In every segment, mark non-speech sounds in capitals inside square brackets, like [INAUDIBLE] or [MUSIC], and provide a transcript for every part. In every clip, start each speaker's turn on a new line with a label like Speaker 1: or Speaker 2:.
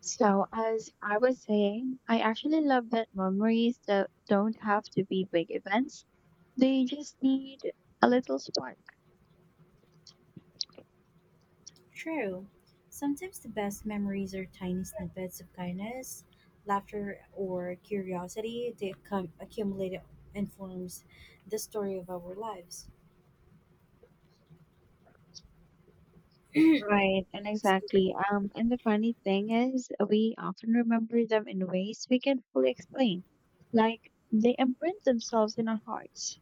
Speaker 1: So, as I was saying, I actually love that memories that don't have to be big events. They just need a little spark.
Speaker 2: True. Sometimes the best memories are tiny snippets of kindness, laughter, or curiosity that come accumulate and forms the story of our lives.
Speaker 1: Right, and exactly. And the funny thing is, we often remember them in ways we can fully explain, like they imprint themselves in our hearts.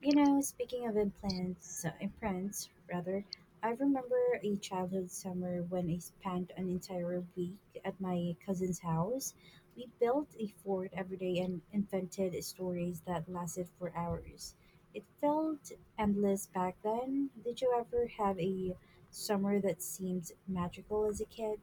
Speaker 2: You know, speaking of implants, implants rather, I remember a childhood summer when I spent an entire week at my cousin's house. We built a fort every day and invented stories that lasted for hours. It felt endless back then. Did you ever have a summer that seemed magical as a kid?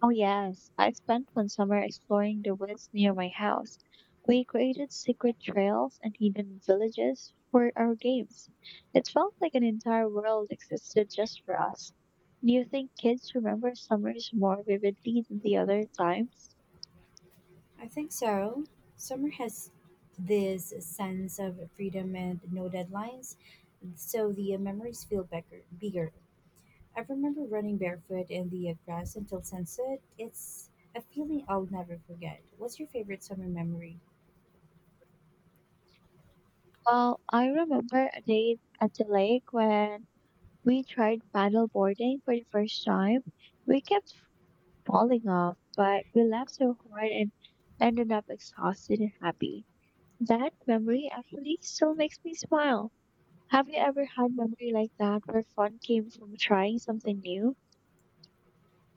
Speaker 1: Oh, yes. I spent one summer exploring the woods near my house. We created secret trails and hidden villages for our games. It felt like an entire world existed just for us. Do you think kids remember summers more vividly than the other times?
Speaker 2: I think so. Summer has this sense of freedom and no deadlines, so the memories feel bigger. I remember running barefoot in the grass until sunset. It's a feeling I'll never forget. What's your favorite summer memory?
Speaker 1: Well, I remember a day at the lake when we tried paddle boarding for the first time. We kept falling off, but we laughed so hard and ended up exhausted and happy. That memory actually still makes me smile. Have you ever had memory like that where fun came from trying something new?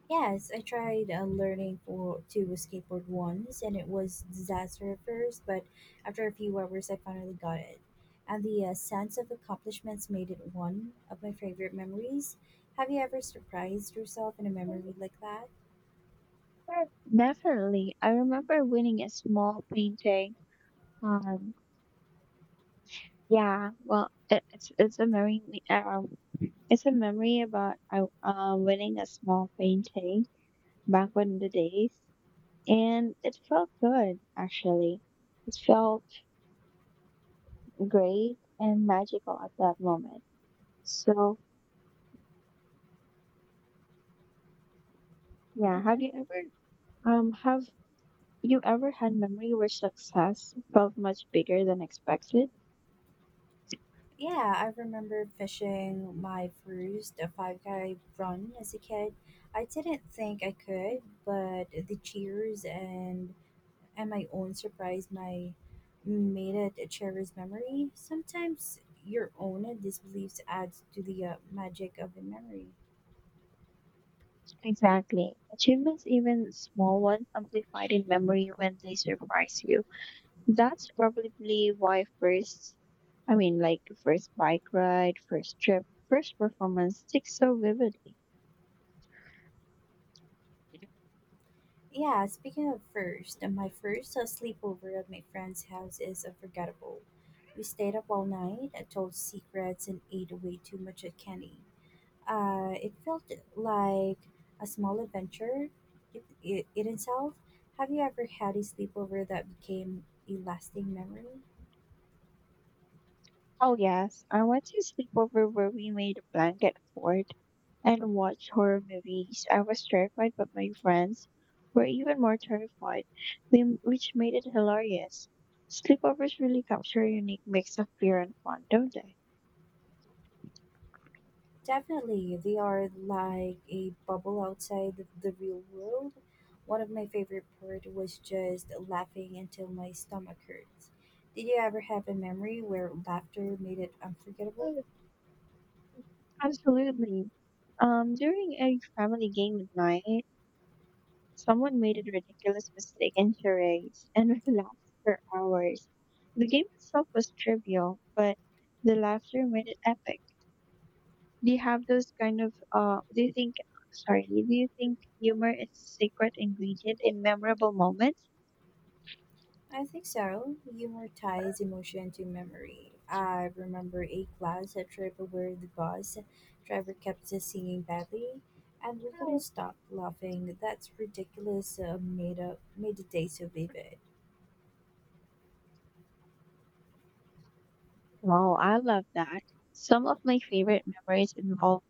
Speaker 2: Yes, I tried learning for to skateboard once, and it was disaster at first. But after a few hours, I finally got it, and the sense of accomplishments made it one of my favorite memories. Have you ever surprised yourself in a memory like that?
Speaker 1: Definitely. I remember winning a small painting. Um, it's a memory. Um, it's a memory about I winning a small painting back in the days, and it felt good actually. It felt great and magical at that moment. So yeah, have
Speaker 2: hmm
Speaker 1: you ever Um, have you ever had memory where success felt much bigger than expected?
Speaker 2: Yeah, I remember fishing my first five guy run as a kid. I didn't think I could, but the cheers and my own surprise my made it a cherished memory. Sometimes your own disbeliefs adds to the magic of the memory.
Speaker 1: Exactly. Achievements, even small ones, amplified in memory when they surprise you. That's probably why first, I mean, like first bike ride, first trip, first performance sticks so vividly.
Speaker 2: Yeah, speaking of first, my first sleepover at my friend's house is unforgettable. We stayed up all night, told secrets, and ate way too much at candy. It felt like a small adventure in itself. Have you ever had a sleepover that became a lasting memory?
Speaker 1: Oh, yes. I went to a sleepover where we made a blanket fort and watched horror movies. I was terrified, but my friends were even more terrified, which made it hilarious. Sleepovers really capture a unique mix of fear and fun, don't they?
Speaker 2: Definitely, they are like a bubble outside the real world. One of my favorite part was just laughing until my stomach hurts. Did you ever have a memory where laughter made it unforgettable?
Speaker 1: Mm. Absolutely. During a family game at night, someone made a ridiculous mistake in charades, and [LAUGHS] we laughed for hours. The game itself was trivial, but the laughter made it epic. They have those kind of do you think sorry, Do you think humor is secret ingredient in memorable moments?
Speaker 2: I think so. Humor ties emotion to memory. I remember a class trip where the bus driver kept singing badly, and we couldn't stop laughing. That's ridiculous. Made up made the day so vivid.
Speaker 1: Wow, I love that. Some of my favorite memories involve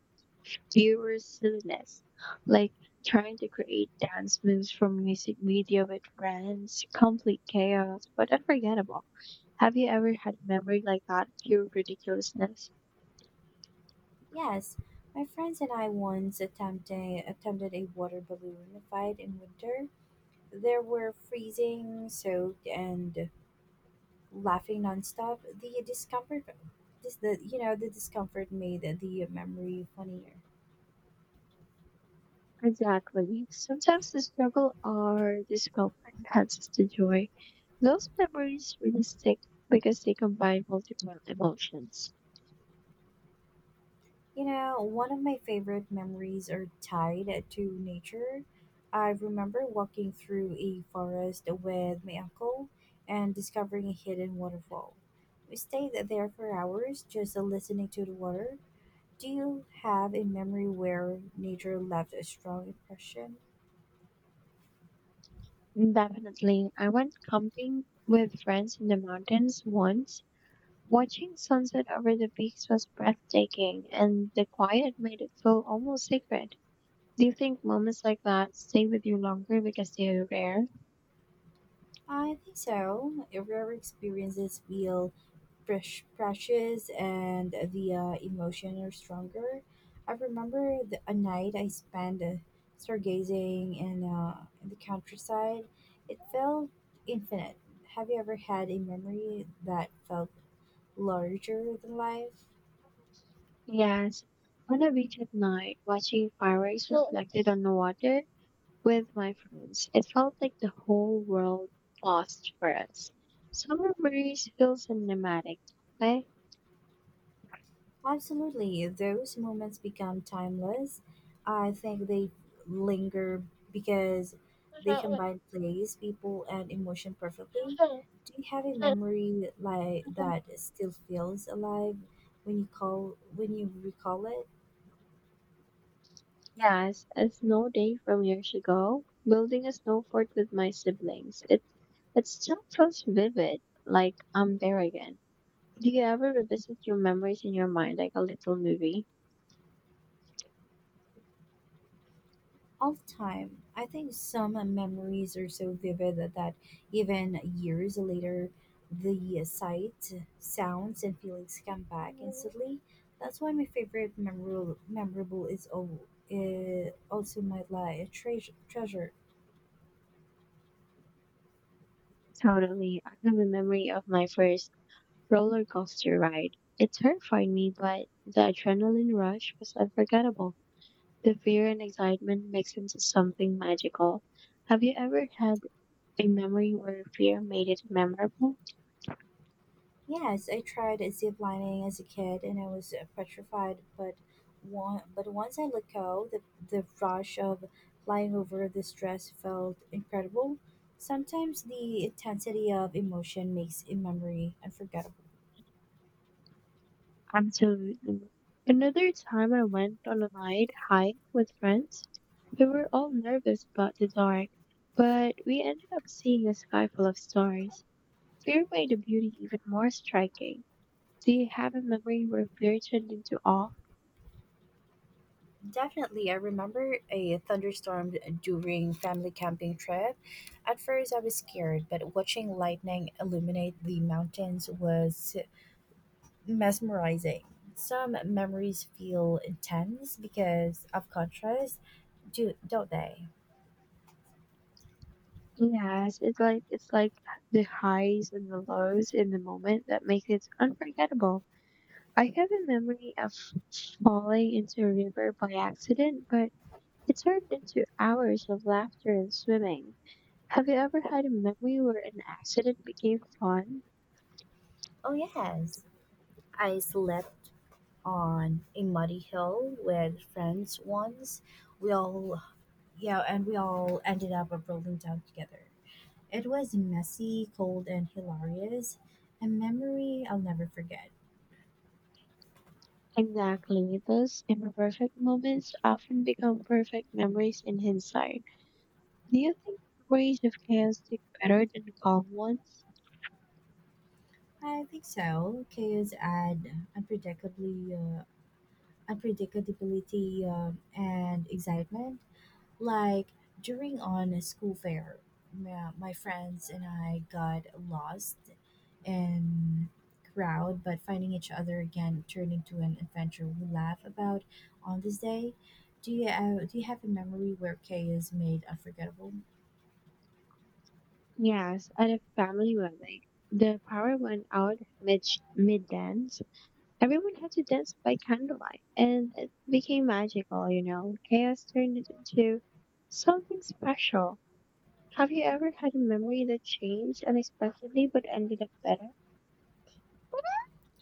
Speaker 1: pure silliness, like trying to create dance moves from music video with friends, complete chaos, but unforgettable. Have you ever had a memory like that, pure ridiculousness?
Speaker 2: Yes, my friends and I once attempted a water balloon fight in winter. There were freezing, soaked, and laughing nonstop. The discomfort, this the you know the discomfort made the memory funnier.
Speaker 1: Exactly. Sometimes the struggle or discomfort enhances the joy. Those memories really stick because they combine multiple emotions.
Speaker 2: You know, one of my favorite memories are tied to nature. I remember walking through a forest with my uncle and discovering a hidden waterfall. We stayed there for hours just listening to the water. Do you have a memory where nature left a strong impression?
Speaker 1: Definitely. I went camping with friends in the mountains once. Watching sunset over the peaks was breathtaking, and the quiet made it feel almost sacred. Do you think moments like that stay with you longer because they are rare?
Speaker 2: I think so. Rare experiences feel fresh, precious, and the emotion are stronger. I remember a night I spent stargazing in the countryside. It felt infinite. Have you ever had a memory that felt larger than life?
Speaker 1: Yes. On a beach at night, watching fireworks reflected on the water with my friends. It felt like the whole world paused for us. Summer breeze feels cinematic. Okay.
Speaker 2: Absolutely, those moments become timeless. I think they linger because they combine place, people, and emotion perfectly. Do you have a memory like that still feels alive when you recall it?
Speaker 1: Yes, a snow day from years ago, building a snow fort with my siblings. It still feels vivid, like I'm there again. Do you ever revisit your memories in your mind like a little movie?
Speaker 2: All the time. I think some memories are so vivid that even years later, the sight, sounds, and feelings come back instantly. That's why my favorite memorable is also my life treasure.
Speaker 1: Totally. I have a memory of my first roller coaster ride. It terrified me, but the adrenaline rush was unforgettable. The fear and excitement mixed into something magical. Have you ever had a memory where fear made it memorable?
Speaker 2: Yes, I tried zip lining as a kid and I was petrified, but once I let go, the rush of flying over the stress felt incredible. Sometimes the intensity of emotion makes a memory unforgettable.
Speaker 1: Absolutely. Another time I went on a night hike with friends. We were all nervous about the dark, but we ended up seeing a sky full of stars. Fear made the beauty even more striking. Do you have a memory where fear turned into awe?
Speaker 2: Definitely, I remember a thunderstorm during family camping trip. At first, I was scared, but watching lightning illuminate the mountains was mesmerizing. Some memories feel intense because of contrast, don't they?
Speaker 1: Yes, it's like the highs and the lows in the moment that make it unforgettable. I have a memory of falling into a river by accident, but it turned into hours of laughter and swimming. Have you ever had a memory where an accident became fun?
Speaker 2: Oh, yes. I slept on a muddy hill with friends once. We all, yeah, and we all ended up rolling down together. It was messy, cold, and hilarious. A memory I'll never forget.
Speaker 1: Exactly. Those imperfect moments often become perfect memories in hindsight. Do you think memories of chaos stick better than calm ones?
Speaker 2: I think so. Chaos add unpredictably, uh, unpredictability, and excitement. Like during on a school fair, my friends and I got lost in crowd, but finding each other again turned into an adventure we laugh about on this day. Do you have a memory where chaos made unforgettable?
Speaker 1: Yes, at a family wedding, the power went out mid dance. Everyone had to dance by candlelight, and it became magical. You know, chaos turned it into something special. Have you ever had a memory that changed unexpectedly but ended up better?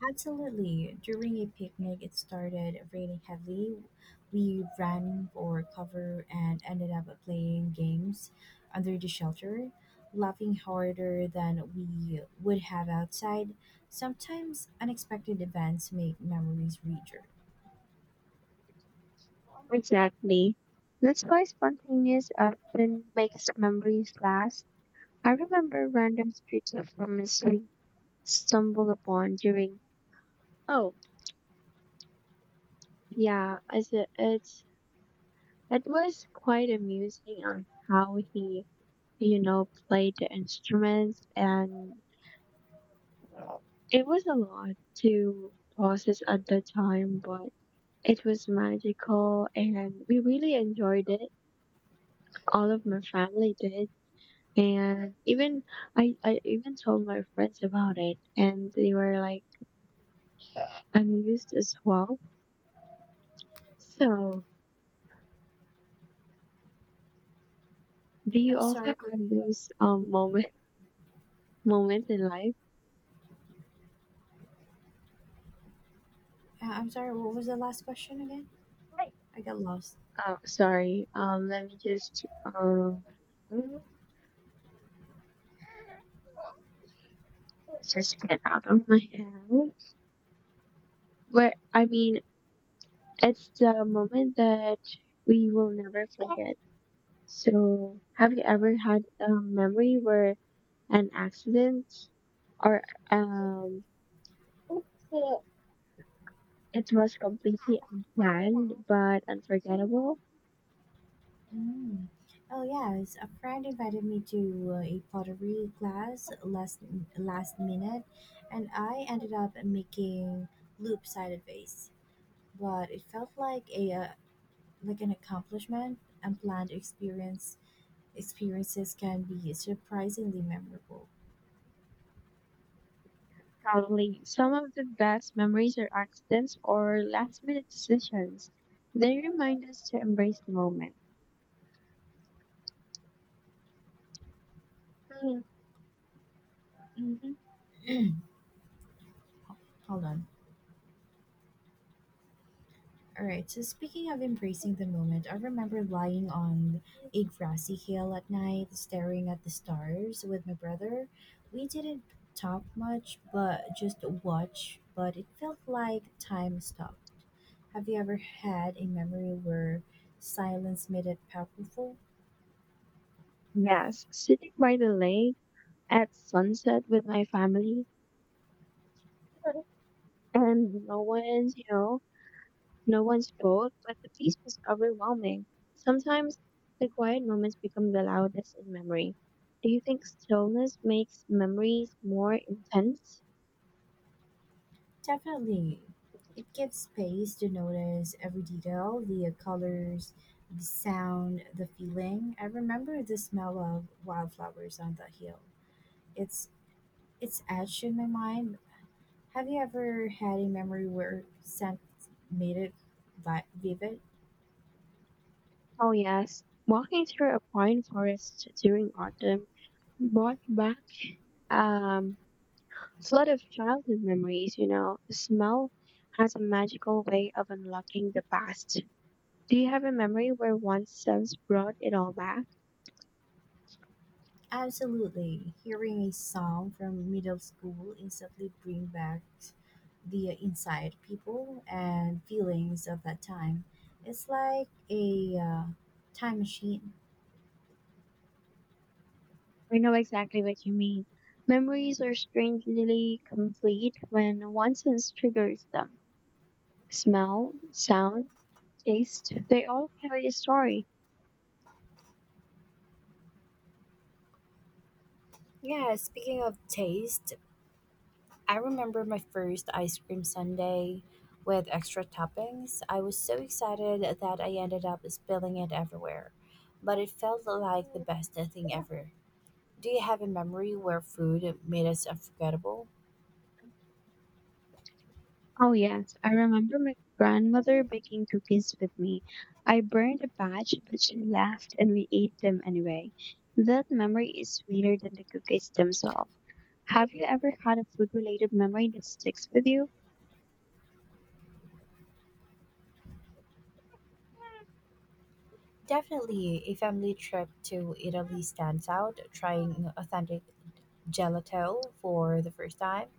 Speaker 2: Absolutely. During a picnic, it started raining heavily. We ran for cover and ended up playing games under the shelter, laughing harder than we would have outside. Sometimes unexpected events make memories richer.
Speaker 1: Exactly. That's why spontaneous often makes memories last. I remember random street performance we stumbled upon during. Oh. Yeah, as it, it's it was quite amusing on how he, you know, played the instruments, and it was a lot to process at the time, but it was magical, and we really enjoyed it. All of my family did, and even I even told my friends about it, and they were like amused as well. So, do you
Speaker 2: I'm
Speaker 1: also
Speaker 2: sorry.
Speaker 1: have those moments in life?
Speaker 2: I'm sorry. What was the last question again? I got lost.
Speaker 1: Oh, sorry. Let me just get out of my head. But I mean, it's the moment that we will never forget. So, have you ever had a memory where an accident or um it was completely unplanned but unforgettable?
Speaker 2: Mm. Oh yes, a friend invited me to a pottery class last minute, and I ended up making loop-sided vase. But it felt like a like an accomplishment. Unplanned experiences can be surprisingly memorable.
Speaker 1: Probably some of the best memories are accidents or last minute decisions. They remind us to embrace the moment.
Speaker 2: hmm Hold on. All right, so speaking of embracing the moment, I remember lying on a grassy hill at night, staring at the stars with my brother. We didn't talk much, but it felt like time stopped. Have you ever had a memory where silence made it powerful?
Speaker 1: Yes, sitting by the lake at sunset with my family and no one's boat, but the peace was overwhelming. Sometimes the quiet moments become the loudest in memory. Do you think stillness makes memories more intense?
Speaker 2: Definitely. It gives space to notice every detail the colors, the sound, the feeling. I remember the smell of wildflowers on the hill. It's it's etched in my mind. Have you ever had a memory where scent made it vivid?
Speaker 1: Oh, yes. Walking through a pine forest during autumn brought back Um, it's a lot of childhood memories, you know. Smell has a magical way of unlocking the past. Do you have a memory where one sense brought it all back?
Speaker 2: Absolutely. Hearing a song from middle school instantly bring back the inside people and feelings of that time. It's like a time machine.
Speaker 1: I know exactly what you mean. Memories are strangely complete when one sense triggers them. Smell, sound, taste, they all carry a story.
Speaker 2: Yeah, speaking of taste, I remember my first ice cream sundae with extra toppings. I was so excited that I ended up spilling it everywhere, but it felt like the best thing ever. Do you have a memory where food made us unforgettable?
Speaker 1: Oh, yes. I remember my grandmother baking cookies with me. I burned a batch, but she laughed and we ate them anyway. That memory is sweeter than the cookies themselves. Have you ever had a food related memory that sticks with you?
Speaker 2: Definitely, a family trip to Italy stands out, trying authentic gelato for the first time,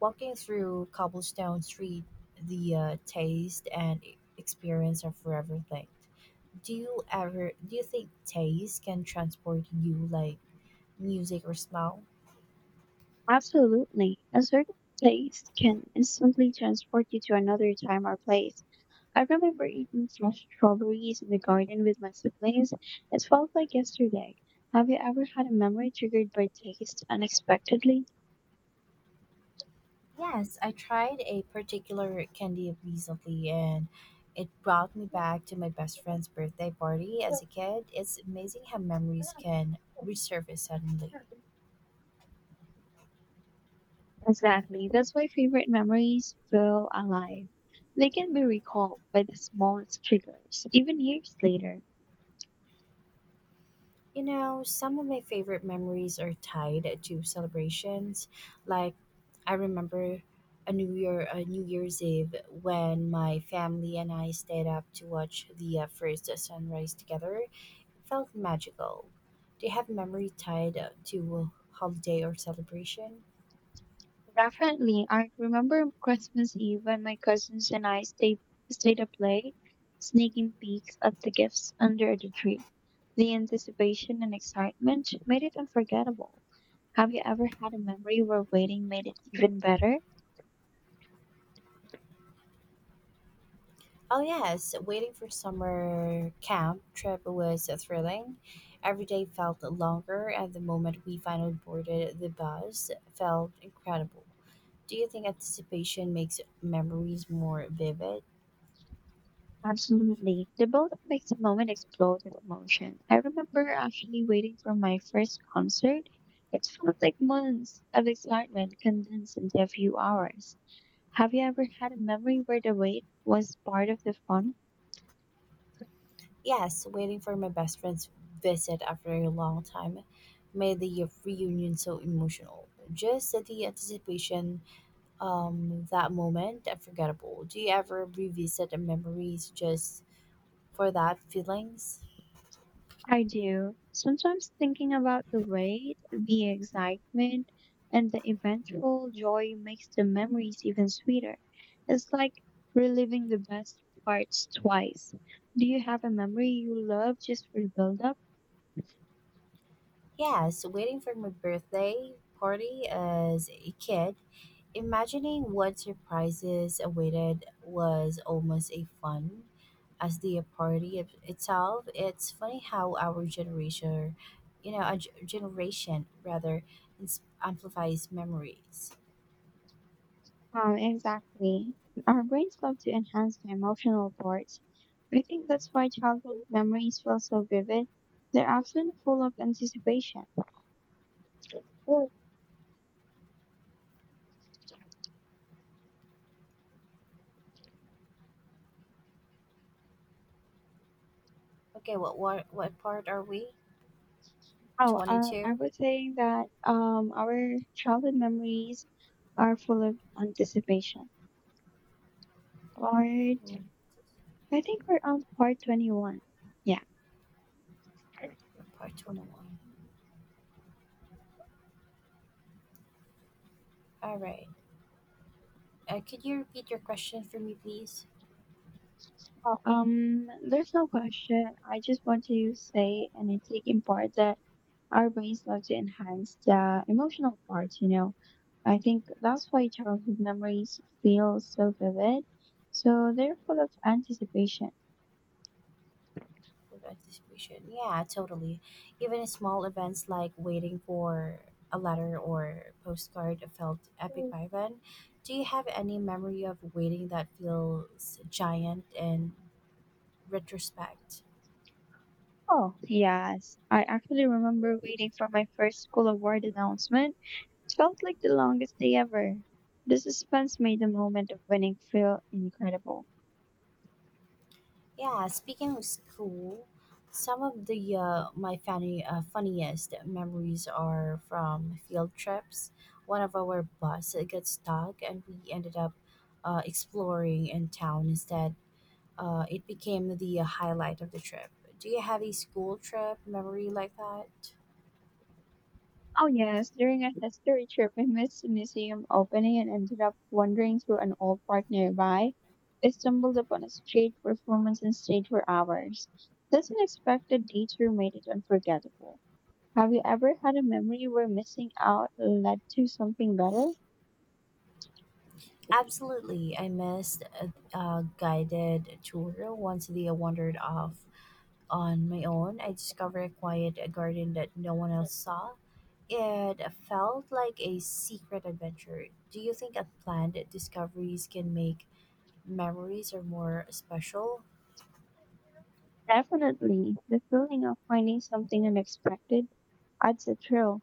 Speaker 2: walking through cobblestone street, the taste and experience are forever thing. Do you think taste can transport you like music or smell?
Speaker 1: Absolutely. A certain taste can instantly transport you to another time or place. I remember eating fresh strawberries in the garden with my siblings. It felt like yesterday. Have you ever had a memory triggered by taste unexpectedly?
Speaker 2: Yes, I tried a particular candy recently and it brought me back to my best friend's birthday party as a kid. It's amazing how memories can resurface suddenly.
Speaker 1: Exactly. That's why favorite memories feel alive. They can be recalled by the smallest triggers, even years later.
Speaker 2: You know, some of my favorite memories are tied to celebrations. Like I remember a New Year's Eve when my family and I stayed up to watch the first sunrise together. It felt magical. Do you have memory tied to a holiday or celebration?
Speaker 1: Definitely, I remember Christmas Eve when my cousins and I stayed up late, sneaking peeks at the gifts under the tree. The anticipation and excitement made it unforgettable. Have you ever had a memory where waiting made it even better?
Speaker 2: Oh yes, waiting for summer camp trip was thrilling. Every day felt longer, and the moment we finally boarded the bus felt incredible. Do you think anticipation makes memories more vivid?
Speaker 1: Absolutely. The build up makes the moment explode with emotion. I remember actually waiting for my first concert. It felt like months of excitement condensed into a few hours. Have you ever had a memory where the wait was part of the fun?
Speaker 2: Yes, waiting for my best friend's visit after a long time made the reunion so emotional. Just the anticipation, that moment, unforgettable. Do you ever revisit the memories just for that feelings?
Speaker 1: I do. Sometimes thinking about the wait, the excitement, and the eventual joy makes the memories even sweeter. It's like reliving the best parts twice. Do you have a memory you love just for the build up?
Speaker 2: Yes, waiting for my birthday party as a kid, imagining what surprises awaited was almost a fun as the party itself. It's funny how our generation, you know, our generation rather amplifies memories.
Speaker 1: Exactly. Our brains love to enhance the emotional parts. I think that's why childhood memories feel so vivid. They're often full of anticipation.
Speaker 2: Okay, what part are we?
Speaker 1: Oh,
Speaker 2: Twenty
Speaker 1: I
Speaker 2: two,
Speaker 1: was saying that our childhood memories are full of anticipation. Part, I think we're on part 21. Yeah.
Speaker 2: part 21. All right. Could you repeat your question for me, please?
Speaker 1: There's no question. I just want to say and it's taking part that our brains love to enhance the emotional part, you know. I think that's why childhood memories feel so vivid. So they're full of anticipation.
Speaker 2: With anticipation. Yeah, totally. Even small events like waiting for a letter or postcard felt epic by then. Do you have any memory of waiting that feels giant in retrospect?
Speaker 1: Oh, yes. I actually remember waiting for my first school award announcement. It felt like the longest day ever. The suspense made the moment of winning feel incredible.
Speaker 2: Yeah, speaking of school, some of the my funny funniest memories are from field trips. One of our bus got stuck, and we ended up exploring in town instead it became the highlight of the trip. Do you have a school trip memory like that?
Speaker 1: Oh yes, during a history trip I missed the museum opening and ended up wandering through an old park nearby. I stumbled upon a street performance and stayed for hours. This unexpected detour made it unforgettable. Have you ever had a memory where missing out led to something better?
Speaker 2: Absolutely. I missed a guided tour once they wandered off on my own. I discovered a quiet garden that no one else saw. It felt like a secret adventure. Do you think unplanned discoveries can make memories or more special?
Speaker 1: Definitely. The feeling of finding something unexpected, that's the thrill.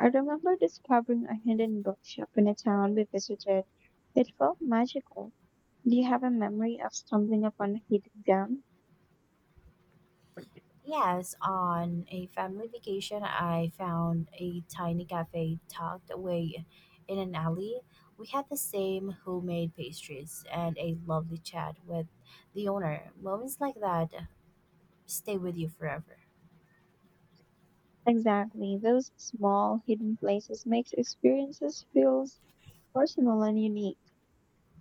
Speaker 1: I remember discovering a hidden bookshop in a town we visited. It felt magical. Do you have a memory of stumbling upon a hidden gem?
Speaker 2: Yes, on a family vacation, I found a tiny cafe tucked away in an alley. We had the same homemade pastries and a lovely chat with the owner. Moments like that stay with you forever.
Speaker 1: Exactly. Those small hidden places makes experiences feels personal and unique.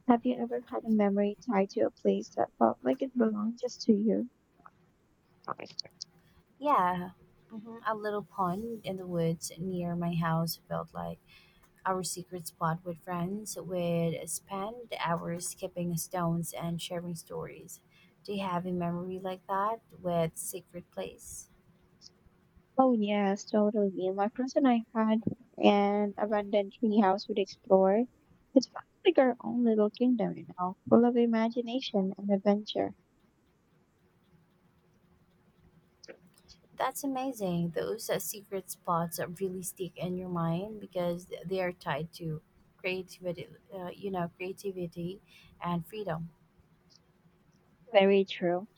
Speaker 1: Have you ever had a memory tied to a place that felt like it belonged just to you?
Speaker 2: Yeah, a little pond in the woods near my house felt like our secret spot with friends. We'd spend hours skipping stones and sharing stories. Do you have a memory like that with secret place?
Speaker 1: Oh yes, totally. My friends and I had an abandoned treehouse we'd explore. It felt like our own little kingdom, you know, full of imagination and adventure.
Speaker 2: That's amazing. Those secret spots that really stick in your mind because they are tied to creativity, uh, you know, creativity and freedom.
Speaker 1: Very true.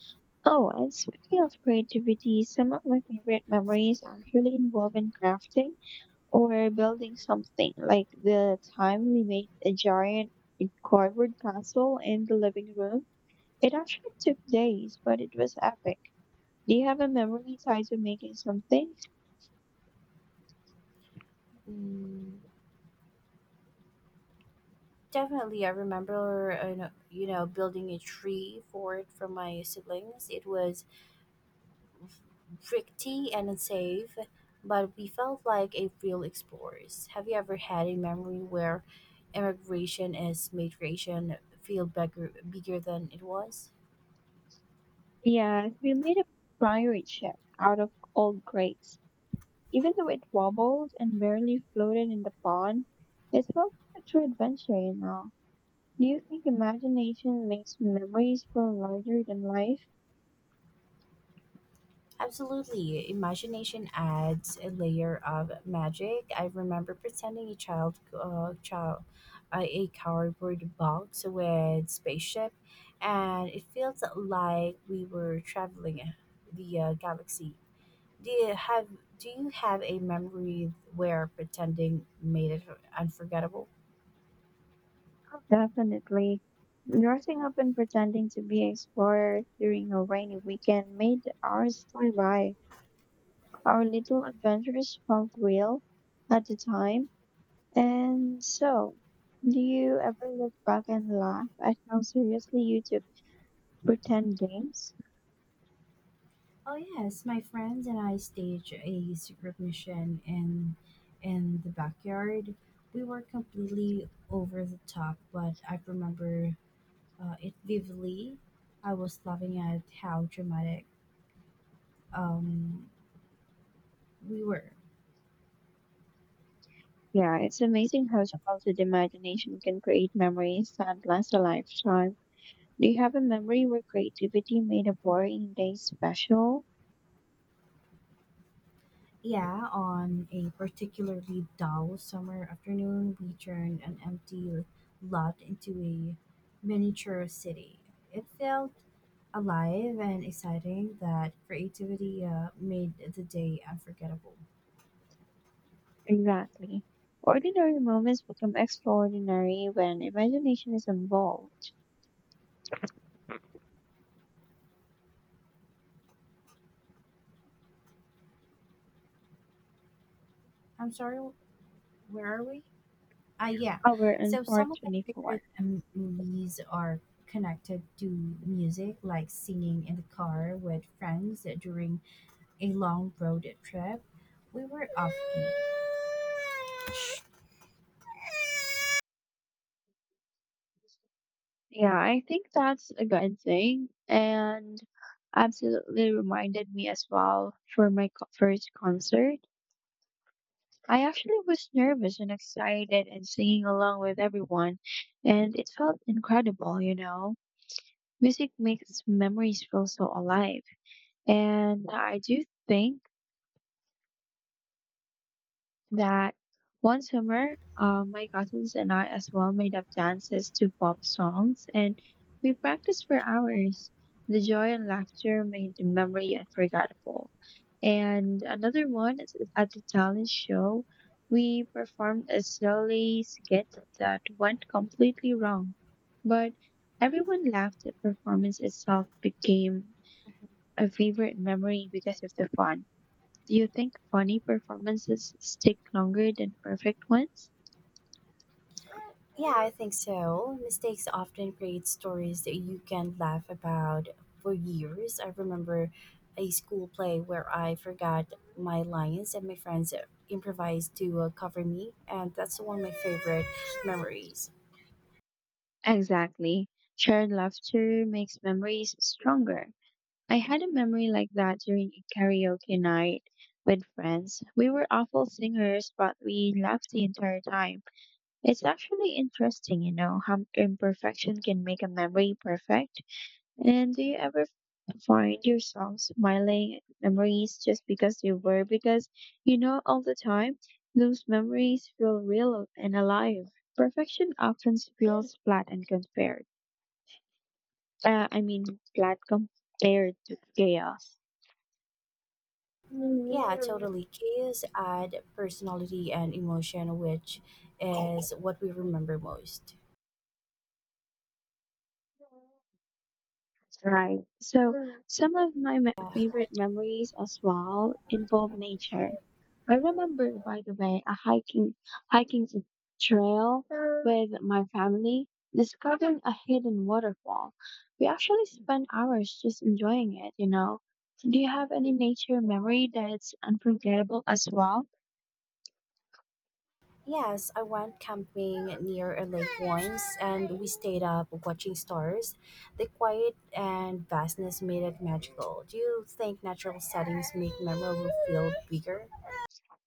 Speaker 1: Oh, and speaking of creativity, some of my favorite memories actually involve in crafting or building something, like the time we made a giant cardboard castle in the living room. It actually took days, but it was epic. Do you have a memory tied to making something?
Speaker 2: Mm, Definitely, I remember, building a tree fort for my siblings. It was rickety and unsafe, but we felt like a real explorers. Have you ever had a memory where immigration is migration feel bigger than it was?
Speaker 1: Yes, we made a priory ship out of old crates. Even though it wobbled and barely floated in the pond, it felt like a true adventure, you know. Do you think imagination makes memories feel larger than life?
Speaker 2: Absolutely. Imagination adds a layer of magic. I remember pretending a child, child a cardboard box with spaceship, and it felt like we were traveling the galaxy. Do you have Do you have a memory where pretending made it unforgettable?
Speaker 1: Definitely. Dressing up and pretending to be explorers during a rainy weekend made the hours fly by. Our little adventures felt real at the time. And so, do you ever look back and laugh at how seriously you took pretend games?
Speaker 2: Oh yes, my friends and I staged a secret mission in the backyard. We were completely over the top, but I remember it vividly. I was laughing at how dramatic um, we were.
Speaker 1: Yeah, it's amazing how childhood imagination can create memories that last a lifetime. Do you have a memory where creativity made a boring day special?
Speaker 2: Yeah, on a particularly dull summer afternoon, we turned an empty lot into a miniature city. It felt alive and exciting that creativity made the day unforgettable.
Speaker 1: Exactly. Ordinary moments become extraordinary when imagination is involved.
Speaker 2: I'm sorry, where are we? Ah, yeah.
Speaker 1: Our and
Speaker 2: So
Speaker 1: part
Speaker 2: some of my
Speaker 1: 24.
Speaker 2: favorite movies are connected to music, like singing in the car with friends during a long road trip. We were off key.
Speaker 1: Yeah, I think that's a good thing and absolutely reminded me as well for my first concert. I actually was nervous and excited and singing along with everyone, and it felt incredible, you know. Music makes memories feel so alive. And I do think that one summer, my cousins and I as well made up dances to pop songs, and we practiced for hours. The joy and laughter made the memory unforgettable. And another one is at the talent show, we performed a silly skit that went completely wrong, but everyone laughed. The performance itself became a favorite memory because of the fun. Do you think funny performances stick longer than perfect ones?
Speaker 2: Yeah, I think so. Mistakes often create stories that you can laugh about for years. I remember a school play where I forgot my lines and my friends improvised to cover me, and that's one of my favorite memories.
Speaker 1: Exactly. Shared laughter makes memories stronger. I had a memory like that during a karaoke night with friends. We were awful singers, but we laughed the entire time. It's actually interesting, you know, how imperfection can make a memory perfect. And do you ever find yourself smiling at memories just because they were? Because you know, all the time, those memories feel real and alive. Perfection often feels flat and compared. Uh, I mean, Flat compared to chaos.
Speaker 2: Yeah, totally. Chaos add personality and emotion, which is what we remember most.
Speaker 1: Right. So some of my favorite memories as well involve nature. I remember, by the way, a hiking t- trail with my family, discovering a hidden waterfall. We actually spent hours just enjoying it, you know. So, do you have any nature memory that's unforgettable as well?
Speaker 2: Yes, I went camping near a lake once and we stayed up watching stars. The quiet and vastness made it magical. Do you think natural settings make memory feel bigger?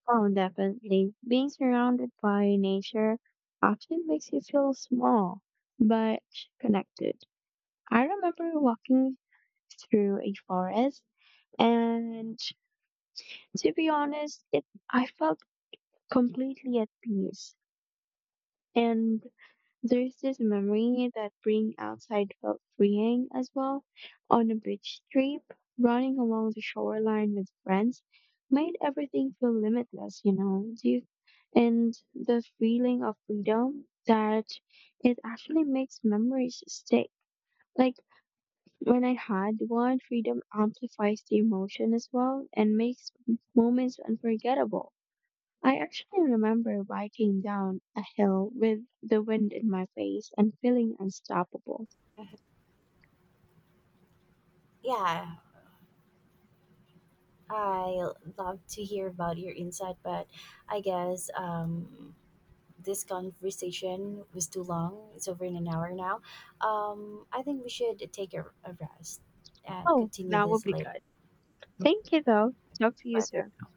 Speaker 1: Oh, definitely. Being surrounded by nature often makes you feel small, but connected. I remember walking through a forest and to be honest, it I felt completely at peace. And there's this memory that being outside felt freeing as well. On a beach trip, running along the shoreline with friends made everything feel limitless, you know. Do you- And the feeling of freedom that it actually makes memories stick. Like when I had one, freedom amplifies the emotion as well and makes moments unforgettable. I actually remember biking down a hill with the wind in my face and feeling unstoppable.
Speaker 2: Yeah, I love to hear about your insight, but I guess this conversation was too long. It's over in an hour now. I think we should take a rest and
Speaker 1: Oh,
Speaker 2: continue
Speaker 1: that would
Speaker 2: this
Speaker 1: be
Speaker 2: later.
Speaker 1: good. Thank you, though. Talk to you
Speaker 2: Bye.
Speaker 1: soon.
Speaker 2: For